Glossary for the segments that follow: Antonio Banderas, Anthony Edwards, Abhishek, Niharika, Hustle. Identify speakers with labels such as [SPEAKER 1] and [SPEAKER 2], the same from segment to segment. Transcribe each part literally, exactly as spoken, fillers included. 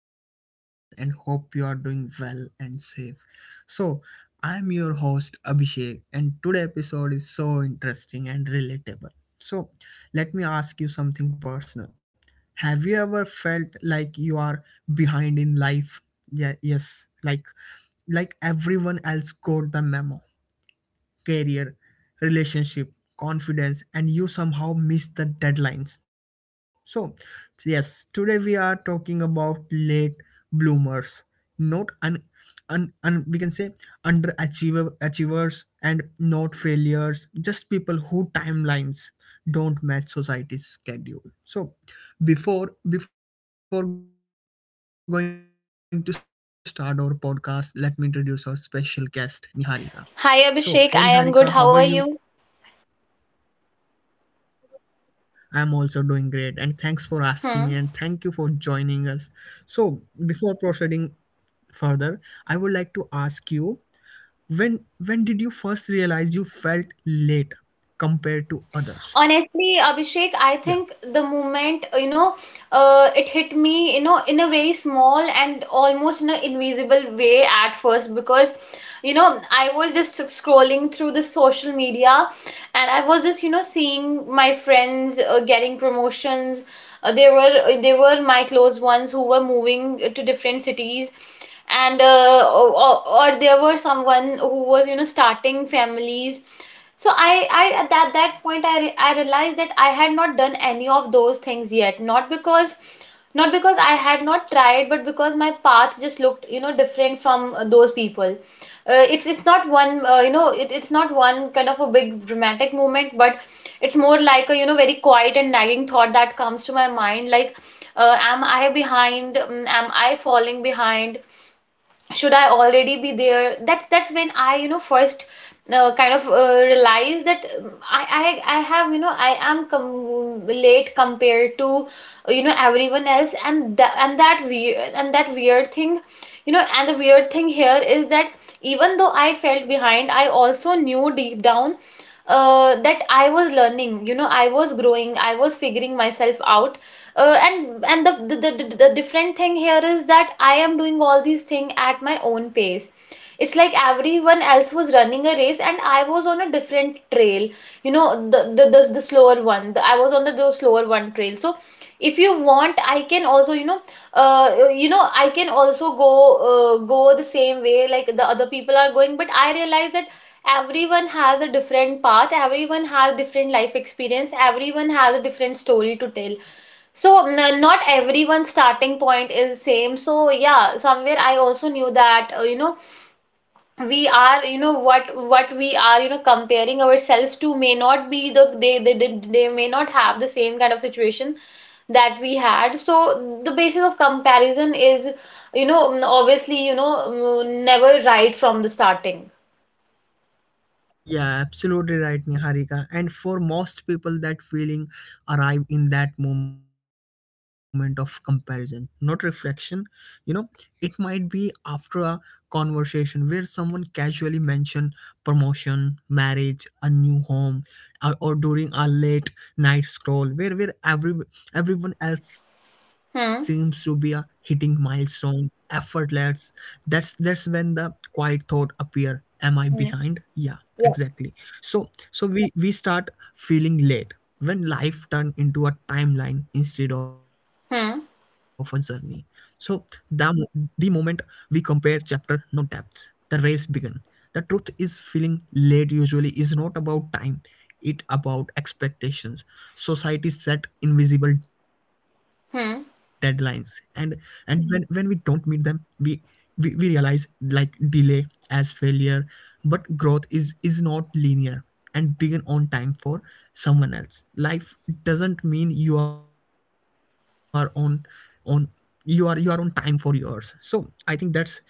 [SPEAKER 1] for joining us. And hope you are doing well and safe. So, I'm your host Abhishek, and today episode is so interesting and relatable. So, Let me ask you something personal. Have you ever felt like you are behind in life? Yeah, yes, like like everyone else got the memo, career, relationship, confidence, and you somehow miss the deadlines. So, yes, today we are talking about late bloomers, not un, un, un we can say underachiever achievers and not failures, just people who timelines don't match society's schedule. So, before before going to start our podcast, let me introduce our special guest, Niharika. So, hey Niharika, how are you?
[SPEAKER 2] Hi Abhishek, I am good. How are you?
[SPEAKER 1] I'm also doing great, and thanks for asking me, and thank you for joining us.
[SPEAKER 2] Hmm.
[SPEAKER 1] So, before proceeding further, I would like to ask you when when did you first realize you felt late compared to others?
[SPEAKER 2] Honestly,
[SPEAKER 1] Yeah.
[SPEAKER 2] Abhishek, I think the moment, you know, uh, it hit me, you know, in a very small and almost in an invisible way at first because, you know, I was just scrolling through the social media, and I was just, you know, seeing my friends uh, getting promotions. Uh, they were they were my close ones who were moving to different cities, and uh, or, or there were someone who was you know starting families. So i i at that, that point i re- i realized that I had not done any of those things yet, not because not because I had not tried, but because my path just looked you know different from uh, those people. Uh, it's it's not one, uh, you know it, it's not one kind of a big dramatic moment, but it's more like a you know very quiet and nagging thought that comes to my mind, like, uh, am I behind, um, am I falling behind, should I already be there? That's that's when I you know first uh, kind of uh, realize that, um, I, I i have, you know I am com- late compared to, uh, you know everyone else. And that and that weird
[SPEAKER 1] yeah.
[SPEAKER 2] and that weird thing, you know and the weird thing here is that even though I felt behind, I also knew deep down uh, that I was learning, you know I was growing, I was figuring myself out. Uh, and and the the, the the the different thing here is that I am doing all these things at my own pace. It's like everyone else was running a race and I was on a different trail, you know the the the, the slower one, the, I was on the, the slower one trail. So if you want, i can also you know uh, you know i can also go uh, go the same way like the other people are going. But I realize that everyone has a different path, everyone has different life experience, everyone has a different story to tell. So n- not everyone's starting point is same. So yeah, somewhere I also knew that uh, you know we are you know what what we are you know comparing ourselves to, may not be the they they did they may not have the same kind of situation that we had. So the basis of comparison is, you know mm, obviously, you know mm, never right from the starting.
[SPEAKER 1] Yeah, absolutely right, Niharika. And for most people, that feeling arrive in that moment of comparison, not reflection. You know, it might be after a conversation where someone casually mention promotion, marriage, a new home, or, or during a late night scroll where where every everyone else seems to be a
[SPEAKER 2] Hmm.
[SPEAKER 1] hitting milestone, effortless. That's that's when the quiet thought appear. Am I behind?
[SPEAKER 2] Hmm.
[SPEAKER 1] Yeah,
[SPEAKER 2] Yeah.
[SPEAKER 1] exactly. So so we we start feeling late when life turn into a timeline instead of a journey.
[SPEAKER 2] Hmm.
[SPEAKER 1] So the mo- the moment we compare chapter no depth, the race begin. The truth is feeling late usually is not about time, it about expectations. Society set invisible deadlines,
[SPEAKER 2] Hmm.
[SPEAKER 1] and and when when we don't meet them, we we, we realize like delay as failure. But growth is is not linear, and begin on time for someone else life doesn't mean you are on on you are you are on time for yours. So I think that's that's how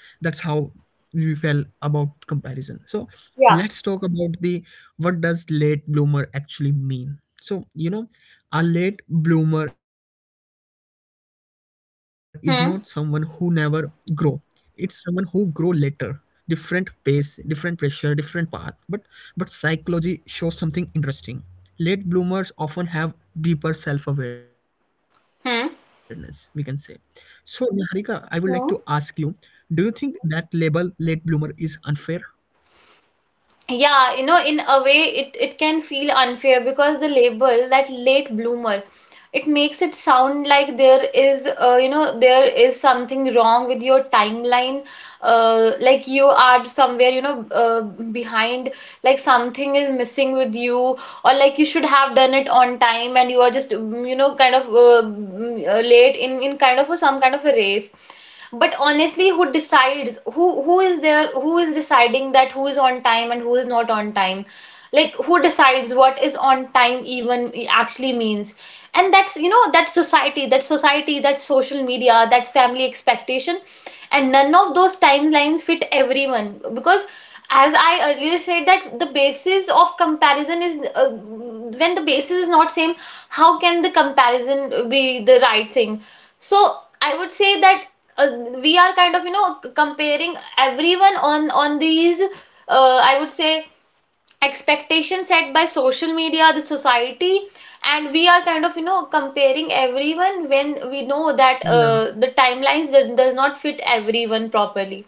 [SPEAKER 1] we felt about comparison. So let's
[SPEAKER 2] Yeah.
[SPEAKER 1] talk about the, what does late bloomer actually mean? So you know, a late bloomer is not someone who never grow,
[SPEAKER 2] Hmm.
[SPEAKER 1] it's someone who grow later. Different pace, different pressure, different path, but but psychology shows something interesting. Late bloomers often have deeper self-awareness, we can say.
[SPEAKER 2] Hmm.
[SPEAKER 1] So Niharika, I would like to ask you, do you
[SPEAKER 2] Hmm.
[SPEAKER 1] think that label late bloomer is unfair?
[SPEAKER 2] Yeah, you know in a way it it can feel unfair, because the label that late bloomer, it makes it sound like there is, uh, you know there is something wrong with your timeline, uh, like you are somewhere, you know uh, behind, like something is missing with you, or like you should have done it on time and you are just, mm, you know kind of, uh, mm, uh, late, in in kind of a, some kind of a race. But honestly, who decides, who who is there, who is deciding that, who is on time and who is not on time? Like, who decides what is on time even actually means? And that's, you know that society that society, that social media, that family expectation, and none of those timelines fit everyone, because as I earlier said, that the basis of comparison is, uh, when the basis is not same, how can the comparison be the right thing? So I would say that, uh, we are kind of, you know comparing everyone on on these, uh, I would say, expectations set by social media, the society, and we are kind of, you know comparing everyone when we know that
[SPEAKER 1] yeah
[SPEAKER 2] uh, the timelines that does not fit everyone properly.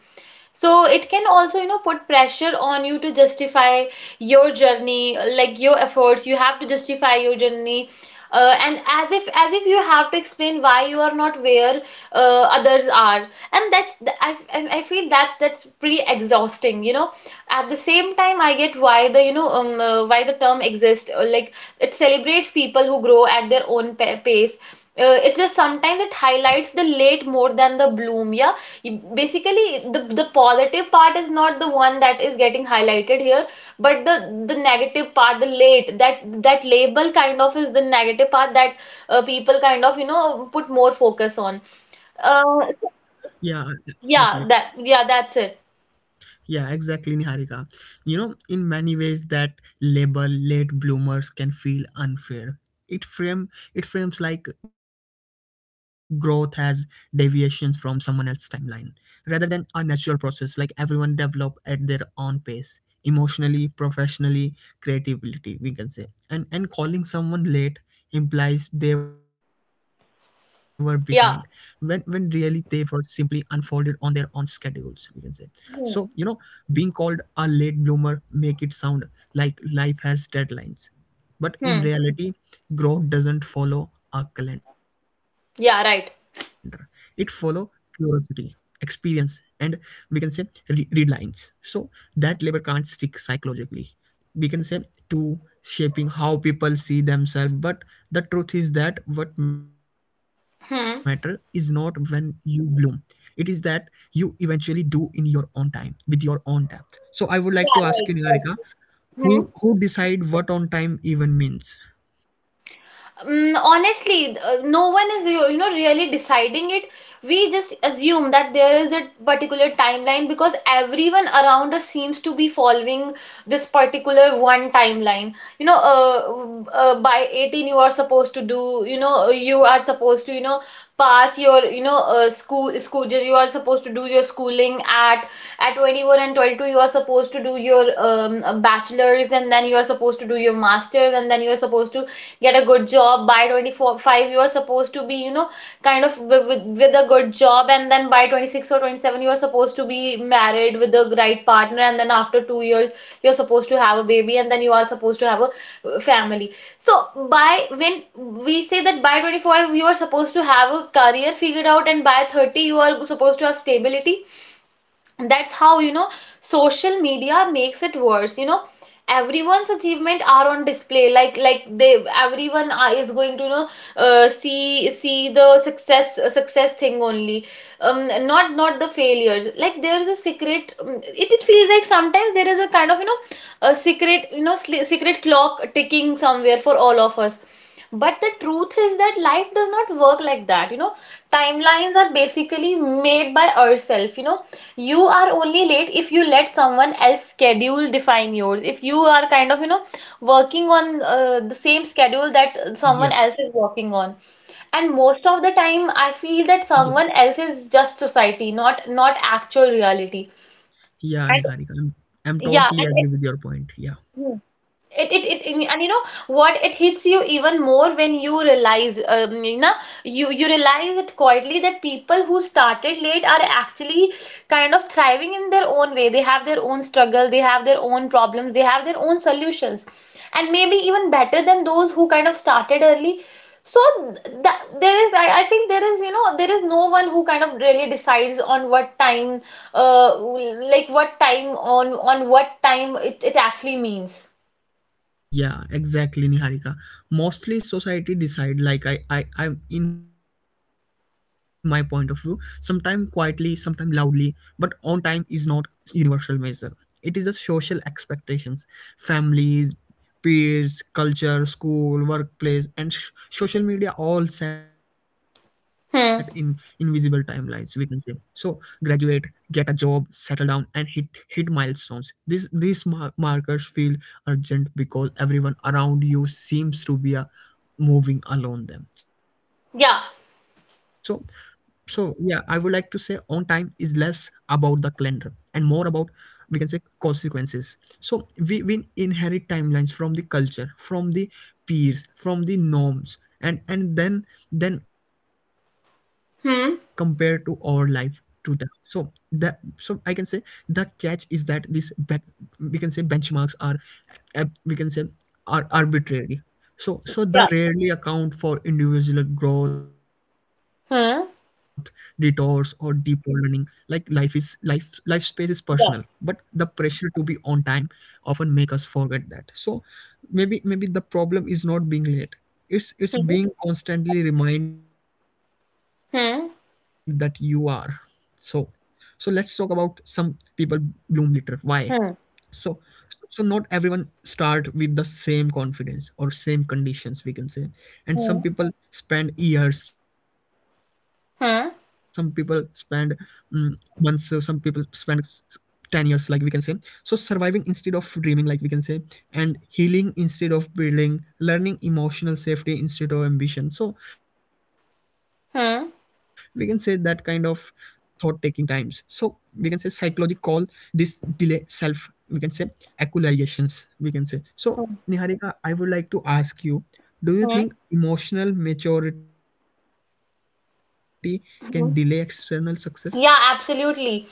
[SPEAKER 2] So it can also, you know put pressure on you to justify your journey, like your efforts, you have to justify your journey, uh, and as if as if you have to explain why you are not where uh, others are, and that's th- I, f- and I feel that's that's pretty exhausting you know At the same time, I get why the you know um, uh, why the term exists, uh, like it celebrates people who grow at their own pa- pace. uh, it's just sometimes it
[SPEAKER 1] yeah
[SPEAKER 2] highlights the late more than the bloom, yeah. Basically, the the positive part is not the one that is getting highlighted here, but the the negative part, the late, that that label kind of, is the negative part that uh, people kind of, you know put more focus on.
[SPEAKER 1] yeah
[SPEAKER 2] uh, so-
[SPEAKER 1] absolutely.
[SPEAKER 2] yeah that, yeah, that's it.
[SPEAKER 1] Yeah, exactly, Niharika. You know, in many ways, that label late bloomers can feel unfair. It frame it frames like growth as deviations from someone else's timeline, rather than a natural process. Like everyone develop at their own pace, emotionally, professionally, creatively. We can say, and and calling someone late implies they were behind, when when really they
[SPEAKER 2] Yeah.
[SPEAKER 1] were simply unfolded on their own schedules. We can say, so you know,
[SPEAKER 2] Hmm.
[SPEAKER 1] being called a late bloomer make it sound like life has deadlines. But in
[SPEAKER 2] Hmm.
[SPEAKER 1] reality, growth doesn't follow a calendar. It follow
[SPEAKER 2] Yeah, right.
[SPEAKER 1] curiosity, experience, and we can say re- read lines. So that labor can't stick psychologically, we can say, to shaping how people see themselves. But the truth is that what matter is not when
[SPEAKER 2] Hmm.
[SPEAKER 1] you bloom, it is that you eventually do in your own time with your own depth. So I would like to
[SPEAKER 2] Yeah,
[SPEAKER 1] ask you,
[SPEAKER 2] right,
[SPEAKER 1] Niharika,
[SPEAKER 2] correct.
[SPEAKER 1] who
[SPEAKER 2] Hmm.
[SPEAKER 1] who decide what on time even means?
[SPEAKER 2] Mm, honestly, uh, no one is, you you know really deciding it. We just assume that there is a particular timeline because everyone around us seems to be following this particular one timeline. You know, uh, uh, by eighteen you are supposed to do, you know, uh, you are supposed to, you know, pass your, you know, uh, school school, you are supposed to do your schooling at at twenty-one and twenty-two, you are supposed to do your um, bachelor's and then you are supposed to do your master's, and then you are supposed to get a good job by twenty-four, five, you are supposed to be, you know kind of with, with, a good job, and then by twenty-six or twenty-seven you are supposed to be married with the right partner, and then after two years you're supposed to have a baby, and then you are supposed to have a uh, family so, by when we say that by twenty-five you are supposed to have a career figured out, and by thirty you are supposed to have stability. That's how, you know social media makes it worse you know Everyone's achievement are on display, like like they everyone are- is going to, you know uh, see see the success, uh, success thing only, um not not the failures. Like there is a secret, um, it, it feels like sometimes there is a kind of, you know a secret you know sli secret clock ticking somewhere for all of us. But the truth is that life does not work like that, you know timelines are basically made by ourselves you know You are only late if you let someone else schedule define yours. If you are kind of, you know, working on uh, the same schedule that
[SPEAKER 1] yeah
[SPEAKER 2] someone else is working on. And
[SPEAKER 1] yeah
[SPEAKER 2] most of the time, I feel that someone else is just society, not not actual reality.
[SPEAKER 1] yeah
[SPEAKER 2] And
[SPEAKER 1] niharika i'm, I'm
[SPEAKER 2] yeah,
[SPEAKER 1] totally
[SPEAKER 2] and
[SPEAKER 1] agree with your point. Yeah,
[SPEAKER 2] it it it, it and, you know what, it hits you even more when you realize um, you know you you realize it quietly, that people who started late are actually kind of thriving in their own way. They have their own struggle, they have their own problems, they have their own solutions, and maybe even better than those who kind of started early. So th- that there is, I, I feel, there is you know there is no one who kind of really decides on what time, uh like what time, on on what time it, it actually means.
[SPEAKER 1] Yeah, exactly, Niharika. Mostly society decide like I, I, I'm in my point of view, sometime quietly, sometime loudly, but on time is not universal measure. It is a social expectations, families, peers, culture, school, workplace, and sh- social media all set in invisible timelines.
[SPEAKER 2] Hmm.
[SPEAKER 1] We can say. So graduate, get a job, settle down, and hit hit milestones. These these mar- markers feel urgent because everyone around you seems to be uh, moving along them. So
[SPEAKER 2] Yeah.
[SPEAKER 1] so yeah, I would like to say on time is less about the calendar and more about, we can say, consequences. So we, we inherit timelines from the culture, from the peers, from the norms, and and then then compare to our life to
[SPEAKER 2] Hmm.
[SPEAKER 1] them. So that, so I can say the catch is that these back, we can say, benchmarks are ab- we can say are arbitrary. So so they
[SPEAKER 2] Yeah.
[SPEAKER 1] rarely account for individual growth, detours or
[SPEAKER 2] Hmm.
[SPEAKER 1] deeper learning. Like life is life life space is personal, but the
[SPEAKER 2] Yeah.
[SPEAKER 1] pressure to be on time often make us forget that. So maybe maybe the problem is not being late, it's it's
[SPEAKER 2] Hmm.
[SPEAKER 1] being constantly reminded that you are. So
[SPEAKER 2] Hmm.
[SPEAKER 1] so let's talk about some people bloom later, why. So
[SPEAKER 2] Hmm.
[SPEAKER 1] so not everyone start with the same confidence or same conditions, we can say. And some
[SPEAKER 2] Hmm.
[SPEAKER 1] people spend years, some people spend mm,
[SPEAKER 2] Hmm.
[SPEAKER 1] months, uh, some people spend s- s- ten years, like we can say, so surviving instead of dreaming, like we can say, and healing instead of building, learning emotional safety instead of ambition. So we can say that kind of
[SPEAKER 2] Hmm.
[SPEAKER 1] thought taking times. So we can say psychology call this delay self, we can say, accusations, we can say. So
[SPEAKER 2] Hmm.
[SPEAKER 1] Niharika, I would like to ask you, do you think emotional maturity can delay external success?
[SPEAKER 2] Hmm. Yeah, absolutely.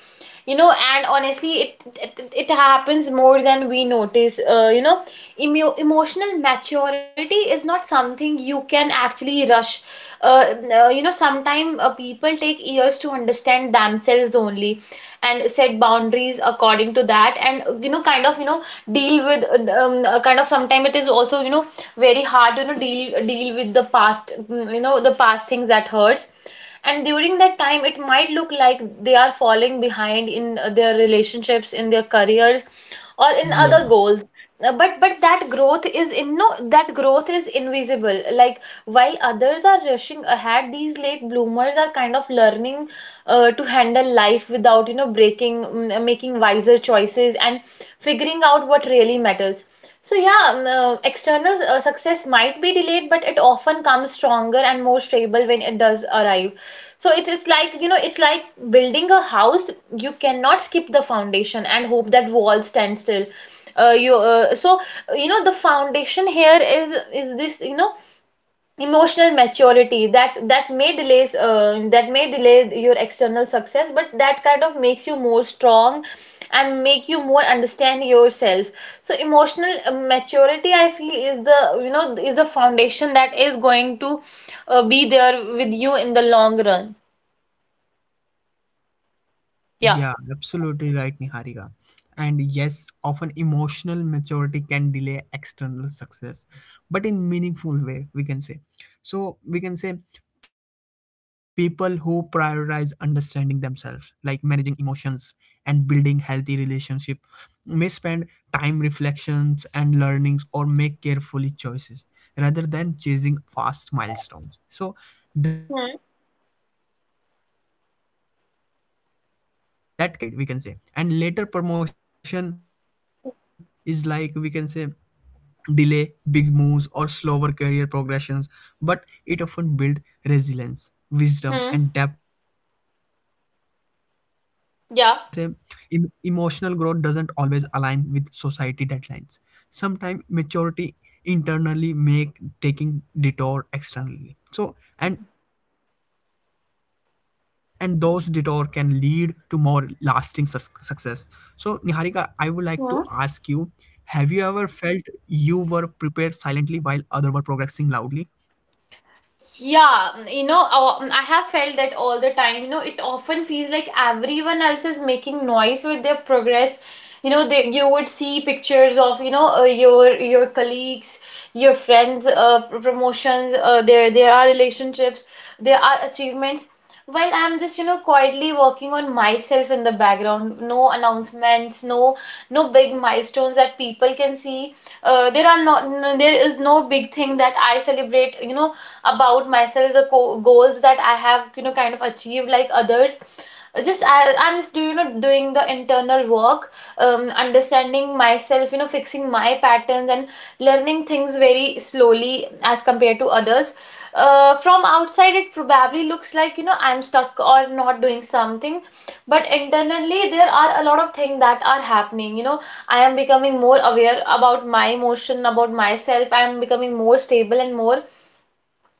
[SPEAKER 2] You know, and honestly, it it, it happens more than we notice. Uh, you know, emo- emotional maturity is not something you can actually rush, uh, uh, you know sometimes uh, people take years to understand themselves only, and set boundaries according to that, and you know kind of, you know deal with, um, uh, kind of, sometimes it is also, you know very hard to, you know deal deal with the past, mm, you know the past things that hurts. And during that time, it might look like they are falling behind in uh, their relationships, in their careers, or in other
[SPEAKER 1] Yeah.
[SPEAKER 2] goals. Uh, but but that growth is in no that growth is invisible like while others are rushing ahead, these late bloomers are kind of learning uh, to handle life without, you know breaking mm, making wiser choices, and figuring out what really matters. So yeah, um, uh, external, uh, success might be delayed, but it often comes stronger and more stable when it does arrive. So it is like, you know, it's like building a house. You cannot skip the foundation and hope that walls stand still. Uh, you uh, so uh, you know the foundation here is is this, you know emotional maturity, that that may delays uh, that may delay your external success, but that kind of makes you more strong, and make you more understand yourself. So emotional, uh, maturity I feel is the, you know is a foundation that is going to uh, be there with you in the long run. Yeah.
[SPEAKER 1] Yeah, absolutely right, Niharika. And yes, often emotional maturity can delay external success, but in meaningful way, we can say. So we can say people who prioritize understanding themselves, like managing emotions and building healthy relationship, may spend time reflections and learnings or make carefully choices rather than chasing fast milestones. So that can
[SPEAKER 2] Hmm.
[SPEAKER 1] be look like being behind on the outside, we can say, and later promotion is like we can say, delay big moves or slower career progressions, but it often build resilience, wisdom and depth of that pay for
[SPEAKER 2] Hmm.
[SPEAKER 1] long term. So so emotional growth, we can say,
[SPEAKER 2] Yeah.
[SPEAKER 1] em- emotional growth doesn't always align with society deadlines. Sometimes maturity internally make taking detour externally. So and and those detour can lead to more lasting sus- success. So Niharika, I would like to ask you, have you ever
[SPEAKER 2] Hmm.
[SPEAKER 1] felt you were prepared silently while other were progressing loudly?
[SPEAKER 2] Yeah, mm, you know, uh, mm, I have felt that all the time. You know, it often feels like everyone else is making noise with their progress. You know, they, you would see pictures of, you know, uh, your your colleagues, your friends, uh, pr- promotions, uh, their their are relationships, there are achievements. While I'm just, you know, quietly working on myself in the background. No announcements, no no big milestones that people can see. Uh, there are not no, there is no big thing that I celebrate, you know, about myself, the co- goals that I have, you know, kind of achieved like others. Just I, I'm just do you know doing the internal work, um, understanding myself, you know, fixing my patterns and learning things very slowly as compared to others. Uh, from outside it probably looks like you know I'm stuck or not doing something, but internally there are a lot of things that are happening you know I am becoming more aware about my emotion, about myself. I am becoming more stable and more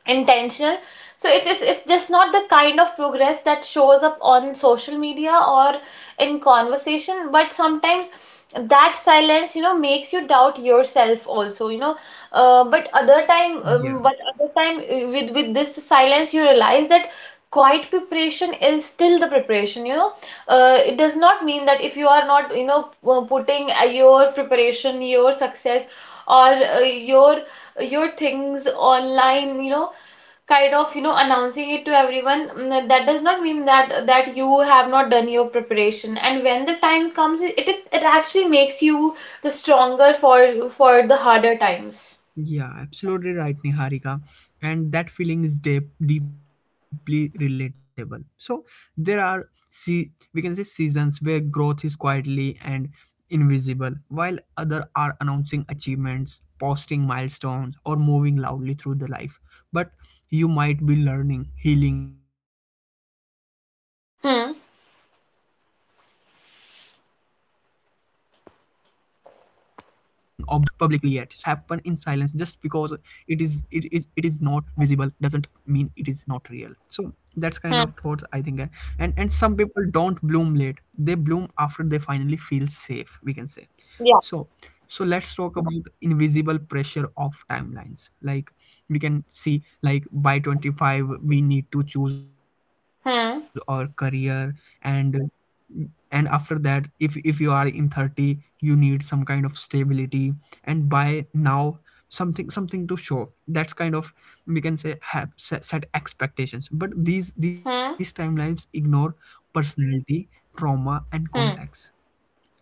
[SPEAKER 2] intentional. So it's, it's it's just not the kind of progress that shows up on social media or in conversation, but sometimes that silence you know makes you doubt yourself also you know Uh, but other time um,
[SPEAKER 1] Yes.
[SPEAKER 2] but other time uh, with with this silence you realize that quiet preparation is still the preparation you know uh, It does not mean that if you are not you know uh, putting uh, your preparation, your success, or uh, your your things online you know kind of you know announcing it to everyone, mm, that does not mean that that you have not done your preparation, and when the time comes it it, it actually makes you the stronger for for the harder times.
[SPEAKER 1] Yeah, absolutely right, Niharika. And that feeling is deep, deeply relatable. So there are see, we can say, seasons where growth is quietly and invisible, while other are announcing achievements, posting milestones, or moving loudly through the life. But you might be learning, healing, observing, or building skills that don't
[SPEAKER 2] Hmm.
[SPEAKER 1] show up public, public, publicly yet. So so some progress happen in silence. Just because it is it is it is not visible doesn't mean it is not real. So that's kind
[SPEAKER 2] Hmm.
[SPEAKER 1] of thoughts I think. I, and and some people don't bloom late, they bloom after they finally feel safe, we can say.
[SPEAKER 2] Yeah.
[SPEAKER 1] So, so let's talk about invisible pressure of timelines. Like we can see, like by twenty-five we need to
[SPEAKER 2] Hmm.
[SPEAKER 1] choose our career, and and after that, if if you are in thirty, you need some kind of stability, and by now something something to show. That's kind of, we can say, have set, set expectations. But these
[SPEAKER 2] Hmm.
[SPEAKER 1] these timelines ignore personality, trauma, and
[SPEAKER 2] Hmm.
[SPEAKER 1] context.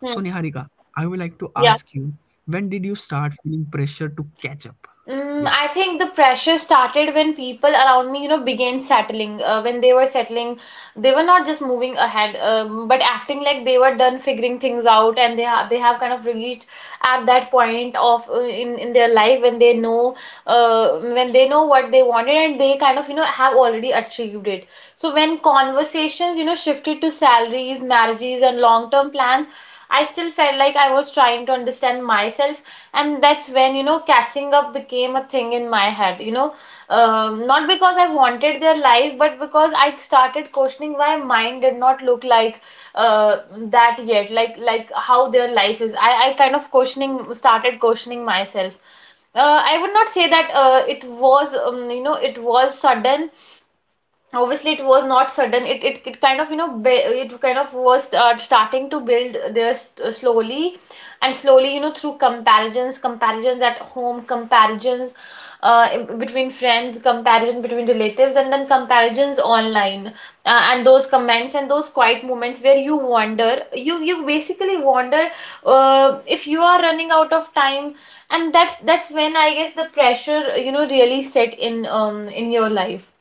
[SPEAKER 2] Hmm.
[SPEAKER 1] So, Niharika, I would like to
[SPEAKER 2] Yeah.
[SPEAKER 1] ask you, when did you start feeling pressure to catch up?
[SPEAKER 2] Mm, I
[SPEAKER 1] Yeah.
[SPEAKER 2] think the pressure started when people around me, you know, began settling. Uh, when they were settling, they were not just moving ahead, um, but acting like they were done figuring things out, and they ha they have kind of reached at that point of uh, in in their life when they know, uh, when they know what they wanted, and they kind of, you know, have already achieved it. So when conversations, you know, shifted to salaries, marriages, and long-term plans, I still felt like I was trying to understand myself, and that's when you know catching up became a thing in my head you know um, Not because I wanted their life, but because I started questioning why mine did not look like uh, that yet. Like like how their life is, i i kind of questioning started questioning myself. uh, I would not say that uh, it was, um, you know, it was sudden. Obviously it was not sudden. It it, it kind of, you know, ba- it
[SPEAKER 1] Yeah.
[SPEAKER 2] kind of was uh, starting to build there s- uh, slowly and slowly, you know, through comparisons, comparisons at home, comparisons uh, in- between friends, comparison between relatives, and then comparisons online, uh, and those comments and those quiet moments where you wonder you you basically wonder uh, if you are running out of time, and that's that's when I guess the pressure you know really set in, um in your life.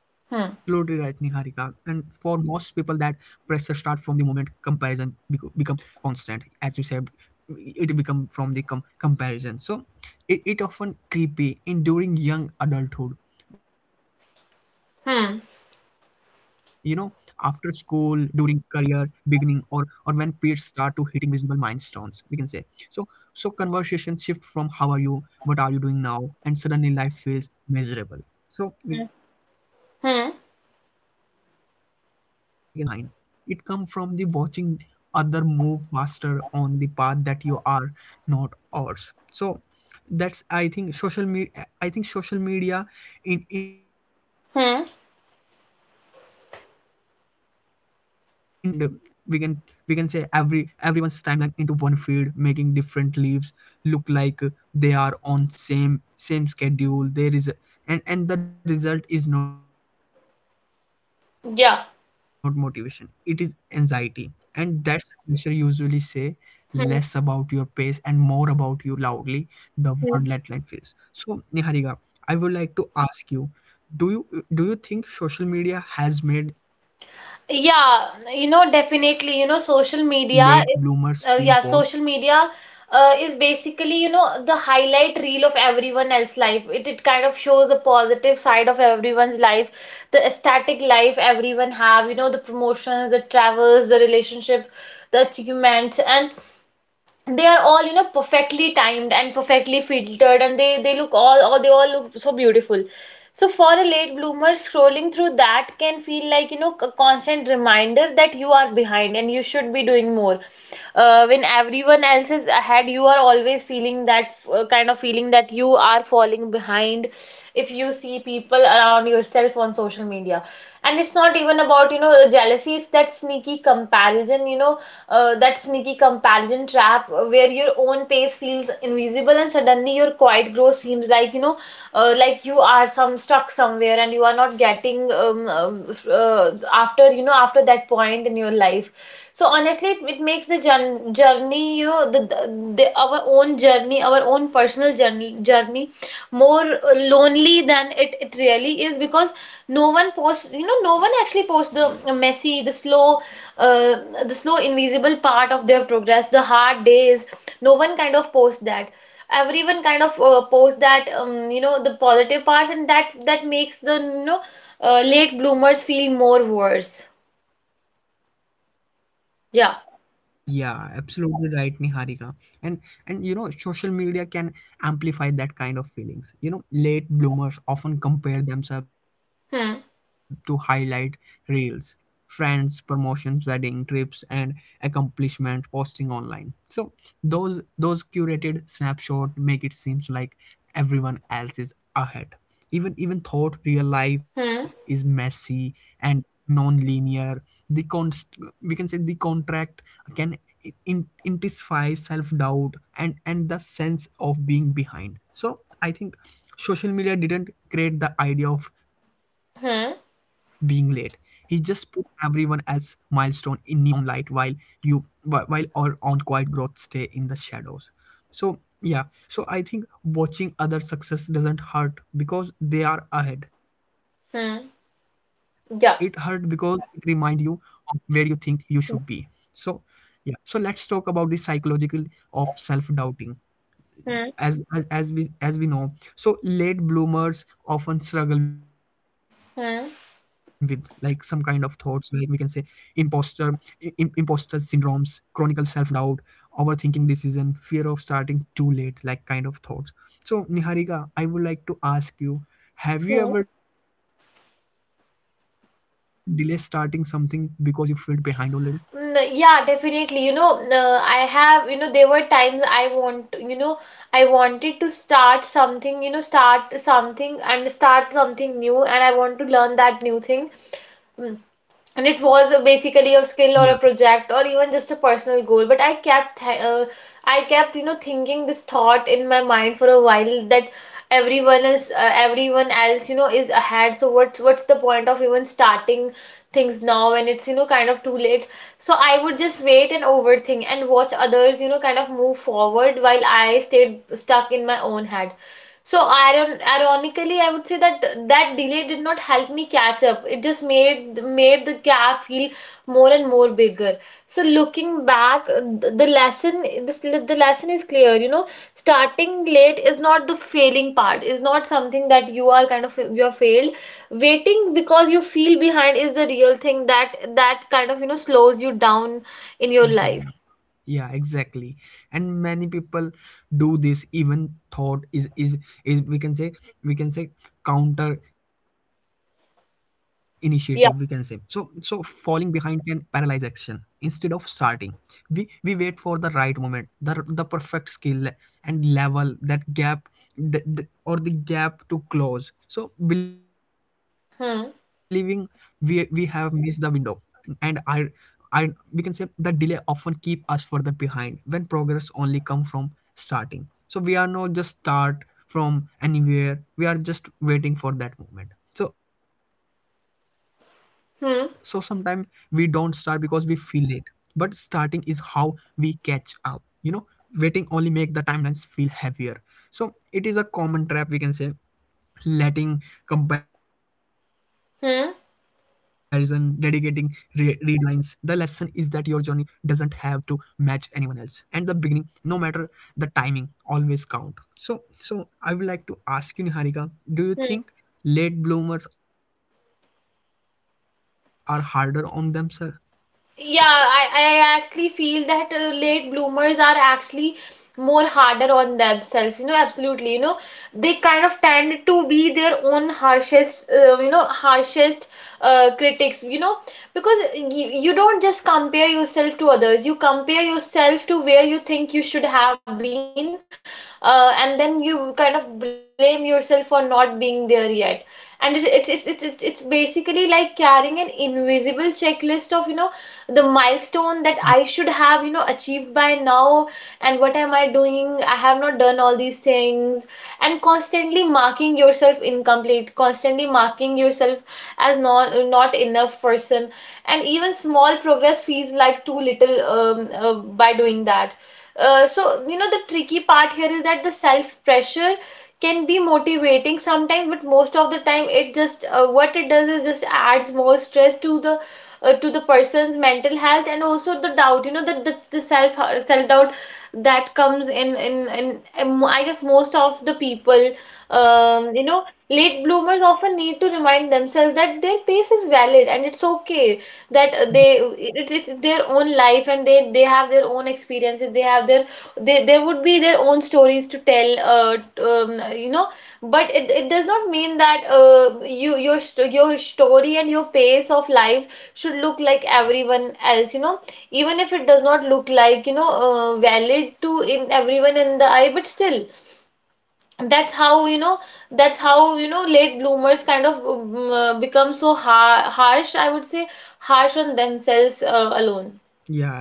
[SPEAKER 1] Yeah,
[SPEAKER 2] Hmm.
[SPEAKER 1] absolutely right, Niharika. And for most people, that pressure start from the moment comparison bec- become constant. As you said, it become from the com- comparison. So it, it often creepy in during young adulthood. You know, after school,
[SPEAKER 2] Hmm.
[SPEAKER 1] during career beginning, or or when peers start to hitting visible milestones, we can say. So so conversation shift from how are you, what are you doing now, and suddenly life feels miserable, so we can say, and, and the
[SPEAKER 2] Hmm.
[SPEAKER 1] pressure to catch up doesn't come from falling behind. It comes from the watching other move faster on the path that you are not ours. So that's, I think, social media. I think social media in, in intimate that's
[SPEAKER 2] Hmm.
[SPEAKER 1] this thing to comparison, we can say. And we can we can say every everyone's timeline into one feed, making different leaves look like they are on same same schedule there is. And and the result is not motivation, it is anxiety. And that's
[SPEAKER 2] Yeah.
[SPEAKER 1] pressure usually say less about your pace and more about you loudly
[SPEAKER 2] Hmm.
[SPEAKER 1] the word let deadline feels. So Niharika, I would like
[SPEAKER 2] Hmm.
[SPEAKER 1] to ask you, do you do you think social media has made late bloomers feel worse?
[SPEAKER 2] Yeah, you know, definitely, you know, social media is, uh, yeah, social media uh, is basically, you know, the highlight reel of everyone else's life. It, it kind of shows the positive side of everyone's life, the aesthetic life everyone have, you know, the promotions, the travels, the relationship, the achievements, and they are all, you know perfectly timed and perfectly filtered, and they they look all, all they all look so beautiful. So for a late bloomer scrolling through that can feel like, you know a constant reminder that you are behind and you should be doing more. Uh, when everyone else is ahead, you are always feeling that, uh, kind of feeling that you are falling behind if you see people around yourself on social media. And it's not even about, you know jealousy. It's that sneaky comparison, you know, uh, that sneaky comparison trap uh, where your own pace feels invisible and suddenly your quiet growth seems like, you know, uh, like you are some stuck somewhere and you are not getting um, um, uh, after, you know, after that point in your life. So honestly, it, it makes the jour- journey, you know, the, the, the our own journey, our own personal journey, journey, more uh, lonely than it it really is, because no one posts, you know, no one actually posts the messy, the slow, uh, the slow invisible part of their progress, the hard days. No one kind of posts that. Everyone kind of uh, posts that, um, you know, the positive parts, and that that makes the, you know, uh, late bloomers feel more worse. Yeah.
[SPEAKER 1] Yeah, absolutely right, Niharika. And and you know, social media can amplify that kind of feelings. You know, late bloomers often compare themselves to
[SPEAKER 2] Hmm.
[SPEAKER 1] highlight reels, friends, promotions, wedding, trips, and accomplishment posting online. So those those curated snapshot make it seems like everyone else is ahead. Even even thought real life is
[SPEAKER 2] Hmm.
[SPEAKER 1] messy and non-linear, the const we can say the contract can in- intensify self-doubt and and the sense of being behind. So I think social media didn't create the idea of being
[SPEAKER 2] Hmm.
[SPEAKER 1] late, it just put everyone else milestone in neon light while you wh- while our own quiet growth stay in the shadows. So yeah so I think watching other success doesn't hurt because they are ahead,
[SPEAKER 2] Hmm.
[SPEAKER 1] it hurt because it
[SPEAKER 2] Yeah.
[SPEAKER 1] remind you of where you think you should be.
[SPEAKER 2] Hmm.
[SPEAKER 1] So yeah. So let's talk about the psychological of self-doubting.
[SPEAKER 2] Hmm.
[SPEAKER 1] As, as as we as we know, so late bloomers often struggle with like some kind of
[SPEAKER 2] Hmm.
[SPEAKER 1] thoughts, like we can say imposter im, imposter syndromes, chronic self-doubt, overthinking decision, fear of starting too late, like kind of thoughts. So Niharika, I would like to ask you, have you
[SPEAKER 2] Mm,
[SPEAKER 1] ever delayed starting something because you felt behind already?
[SPEAKER 2] Yeah, definitely. You know, uh, I have, you know, there were times I want, you know, I wanted to start something, you know, start something and start something new, and I want to learn that new thing. Mm. And it was uh, basically a skill or
[SPEAKER 1] Yeah.
[SPEAKER 2] a project or even just a personal goal, but i kept th- uh, I kept, you know thinking this thought in my mind for a while, that everyone is uh, everyone else, you know is ahead, so what's what's the point of even starting things now when it's, you know kind of too late. So I would just wait and overthink and watch others, you know kind of move forward, while I stayed stuck in my own head. So iron ironically, I would say that that delay did not help me catch up. It just made made the gap feel more and more bigger. So looking back, uh, th- the lesson, this the lesson is clear. You know, starting late is not the failing part. Is not something that you are kind of you are failed. Waiting because you feel behind is the real thing that that kind of, you know slows you down in your life.
[SPEAKER 1] Yeah, exactly, and many people do this even thought is is is we can say we can say counter initiative we can say. So so falling
[SPEAKER 2] Yeah.
[SPEAKER 1] behind can paralyze action instead of starting, we we wait for the right moment, the the perfect skill and level that gap, the, the, or the gap to close. So believing we we have
[SPEAKER 2] Hmm.
[SPEAKER 1] missed the window, and I we can say that delay often keep us further behind when progress only come from starting. So we are not just start from anywhere, we are just waiting for that moment. So so sometimes we don't start because we
[SPEAKER 2] Hmm.
[SPEAKER 1] feel late, but starting is how we catch up, you know. Waiting only make the timelines feel heavier, so it is a common trap, we can say, letting comparison dedicating re-
[SPEAKER 2] Hmm.
[SPEAKER 1] read lines. The lesson is that your journey doesn't have to match anyone else, and the beginning, no matter the timing, always count. So so I would like to ask you, Niharika, do you
[SPEAKER 2] Hmm.
[SPEAKER 1] think late bloomers are harder on themselves? yeah
[SPEAKER 2] Yeah, I, I actually feel that uh, late bloomers are actually more harder on themselves. You know, absolutely. You know, they kind of tend to be their own harshest, uh, you know, harshest uh, critics. You know, because you, you don't just compare yourself to others. You compare yourself to where you think you should have been, uh, and then you kind of blame yourself for not being there yet. And it's it's it's it's it's basically
[SPEAKER 1] yeah
[SPEAKER 2] like carrying an invisible checklist of, you know the milestone that I should have, you know, achieved by now, and what am I doing? I have not done all these things, and constantly marking yourself incomplete, constantly marking yourself as not not enough person, and even small progress feels like too little, um, uh, by doing that. Uh, so, you know, the tricky part here is that the self pressure can be motivating sometimes, but most of the time, it just uh, what it does is just adds more stress to the uh, to the person's mental health and also the doubt. You know, that that's the self self doubt that comes in in in in, I guess, most of the people. Um, you know, late bloomers often need to
[SPEAKER 1] yeah
[SPEAKER 2] remind themselves that their pace is valid, and it's okay that they it is their own life, and they they have their own experiences. They have their they, there would be their own stories to tell, uh, t- um, you know. But it, it does not mean that, uh, you your st- your story and your pace of life should look like everyone else, you know. Even if it does not look like, you know uh, valid to in everyone in the eye, but still, that's how you know that's how, you know late bloomers kind of, um, uh, become so ha harsh, I would say, harsh on themselves, uh, alone.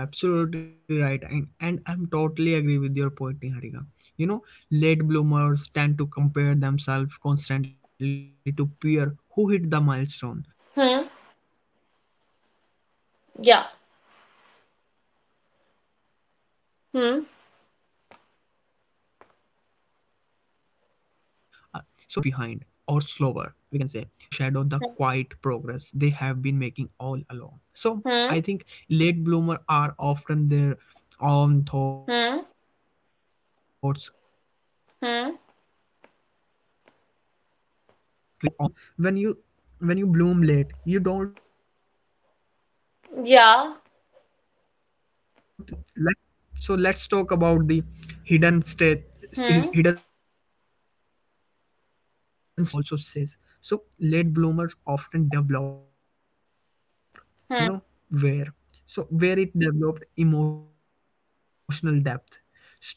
[SPEAKER 1] Yeah, absolutely right. And, and I'm totally agree with your point, Niharika. You know, late bloomers tend to compare themselves constantly to peer who hit the milestone.
[SPEAKER 2] Hmm.
[SPEAKER 1] Uh, so so they they
[SPEAKER 2] Yeah.
[SPEAKER 1] initialize the idea that they are
[SPEAKER 2] Hmm.
[SPEAKER 1] behind or slower, we can say. So that that self criticism can overshadow the
[SPEAKER 2] Hmm.
[SPEAKER 1] quiet progress they have been making all along. So
[SPEAKER 2] Hmm.
[SPEAKER 1] I think late bloomer are often their own thoughts
[SPEAKER 2] Hmm.
[SPEAKER 1] criticize, they see the world timelines and
[SPEAKER 2] Hmm?
[SPEAKER 1] forget to honor that pace of their own growth. So when when you bloom when you when you bloom late, you don't just doubt the timing,
[SPEAKER 2] Yeah.
[SPEAKER 1] you start doubting your worth. So so let's talk about the hidden strength,
[SPEAKER 2] Hmm.
[SPEAKER 1] hidden strength of late bloomers. You know, you know here what the psychology also says. So late bloomers often develop,
[SPEAKER 2] Hmm.
[SPEAKER 1] you know, where so where it developed emotional depth, strong resilience,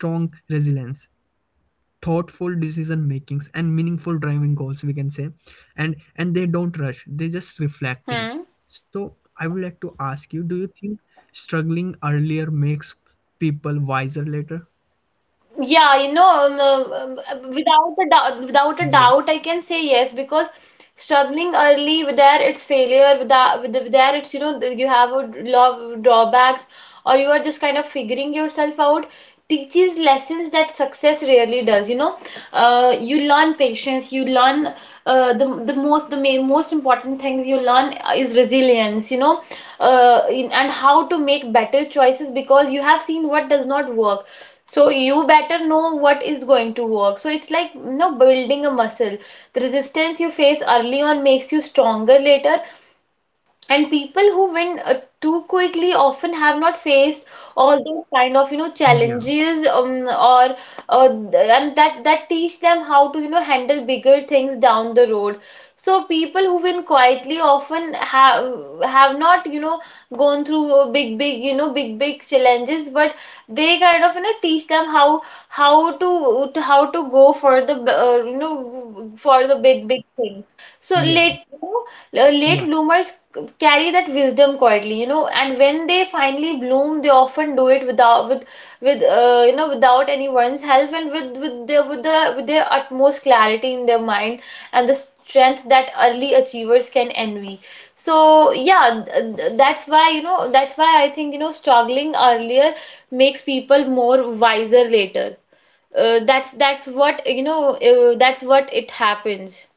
[SPEAKER 1] thoughtful decision makings and meaningful driving goals, we can say, and and they don't rush, they're just reflecting.
[SPEAKER 2] Hmm.
[SPEAKER 1] So I would like to ask you, do you think struggling earlier makes people wiser later?
[SPEAKER 2] Yeah, you know, um, um, um, without a doubt, without a
[SPEAKER 1] yeah
[SPEAKER 2] doubt, I can say yes, because struggling early, with there it's failure, with that, with, the, with there it's, you know th- you have a lot of drawbacks, or you are just kind of figuring yourself out. Teaches lessons that success rarely does. You know, uh, you learn patience, you learn uh, the the most the main, most important things you learn is resilience. You know, uh, in, and how to make better choices because you have seen what does not work, so you better know what is going to work. So it's like, you know, building a muscle. The resistance you face early on makes you stronger later, and people who win uh, too quickly often have not faced all those kind of, you know
[SPEAKER 1] yeah
[SPEAKER 2] challenges, um, or uh, th- and that that teach them how to, you know handle bigger things down the road. So people who win quietly often have have not you know gone through, uh, big big you know big big challenges, but they kind of, you know teach them how, how to to- how to go for the b- uh, you know, for the big big thing. So
[SPEAKER 1] yeah
[SPEAKER 2] late late
[SPEAKER 1] yeah
[SPEAKER 2] bloomers
[SPEAKER 1] absolutely.
[SPEAKER 2] carry that wisdom quietly, you know, and when they finally bloom, they often do it without with, with uh, you know without anyone's help, and with with their with the with their utmost clarity in their mind, and the strength that early achievers can envy. So yeah, th- th- that's why you know that's why I think, you know struggling earlier makes people more wiser later. Uh, that's that's what, you know uh, that's what it happens.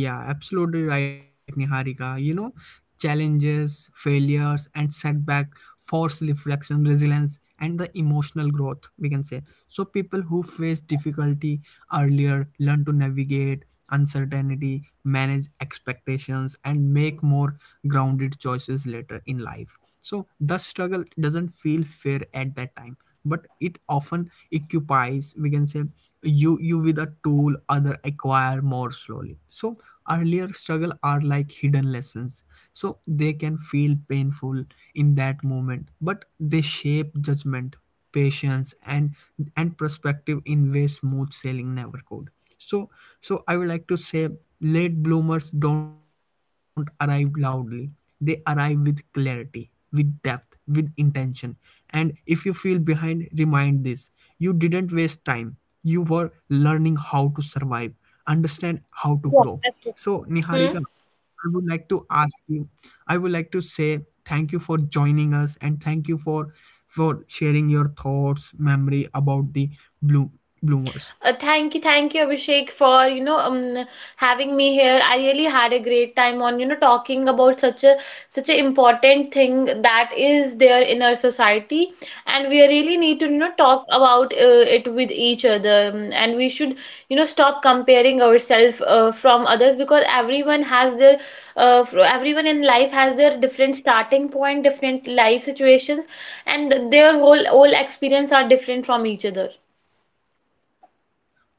[SPEAKER 1] Yeah, absolutely right, Niharika. You know, challenges, failures, and setback force reflection, resilience, and the emotional growth, we can say. So, people who face difficulty earlier learn to navigate uncertainty, manage expectations, and make more grounded choices later in life. So, the struggle doesn't feel fair at that time, but it often occupies, we can say, you you with a tool other acquire more slowly. So earlier struggle are like hidden lessons, so they can feel painful in that moment, but they shape judgment, patience, and and perspective in ways smooth sailing never could. So so I would like to say late bloomers don't arrive loudly, they arrive with clarity, with depth, with intention. And if you feel behind, remind this: you didn't waste time, you were learning how to survive, understand
[SPEAKER 2] Yeah,
[SPEAKER 1] how to
[SPEAKER 2] absolutely.
[SPEAKER 1] grow. So,
[SPEAKER 2] Hmm?
[SPEAKER 1] Niharika, I would like to ask you, I would like to say thank you for joining us, and thank you for for sharing your thoughts, memory about the bloom
[SPEAKER 2] Uh,
[SPEAKER 1] bloomers.
[SPEAKER 2] thank you, thank you, Abhishek, for, you know um, having me here. I really had a great time on, you know talking about such a such an important thing that is there in our society, and we really need to, you know talk about, uh, it with each other, um, and we should, you know stop comparing ourselves, uh, from others, because everyone has their uh, fr- everyone in life has their different starting point, different life situations, and their whole whole experience are different from each other.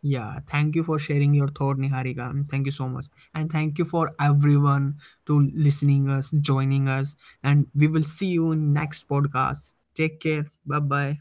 [SPEAKER 1] Yeah, thank you for sharing your thought, Niharika. And thank you so much. And thank you for everyone to listening us, joining us. And we will see you in next podcast. Take care. Bye bye.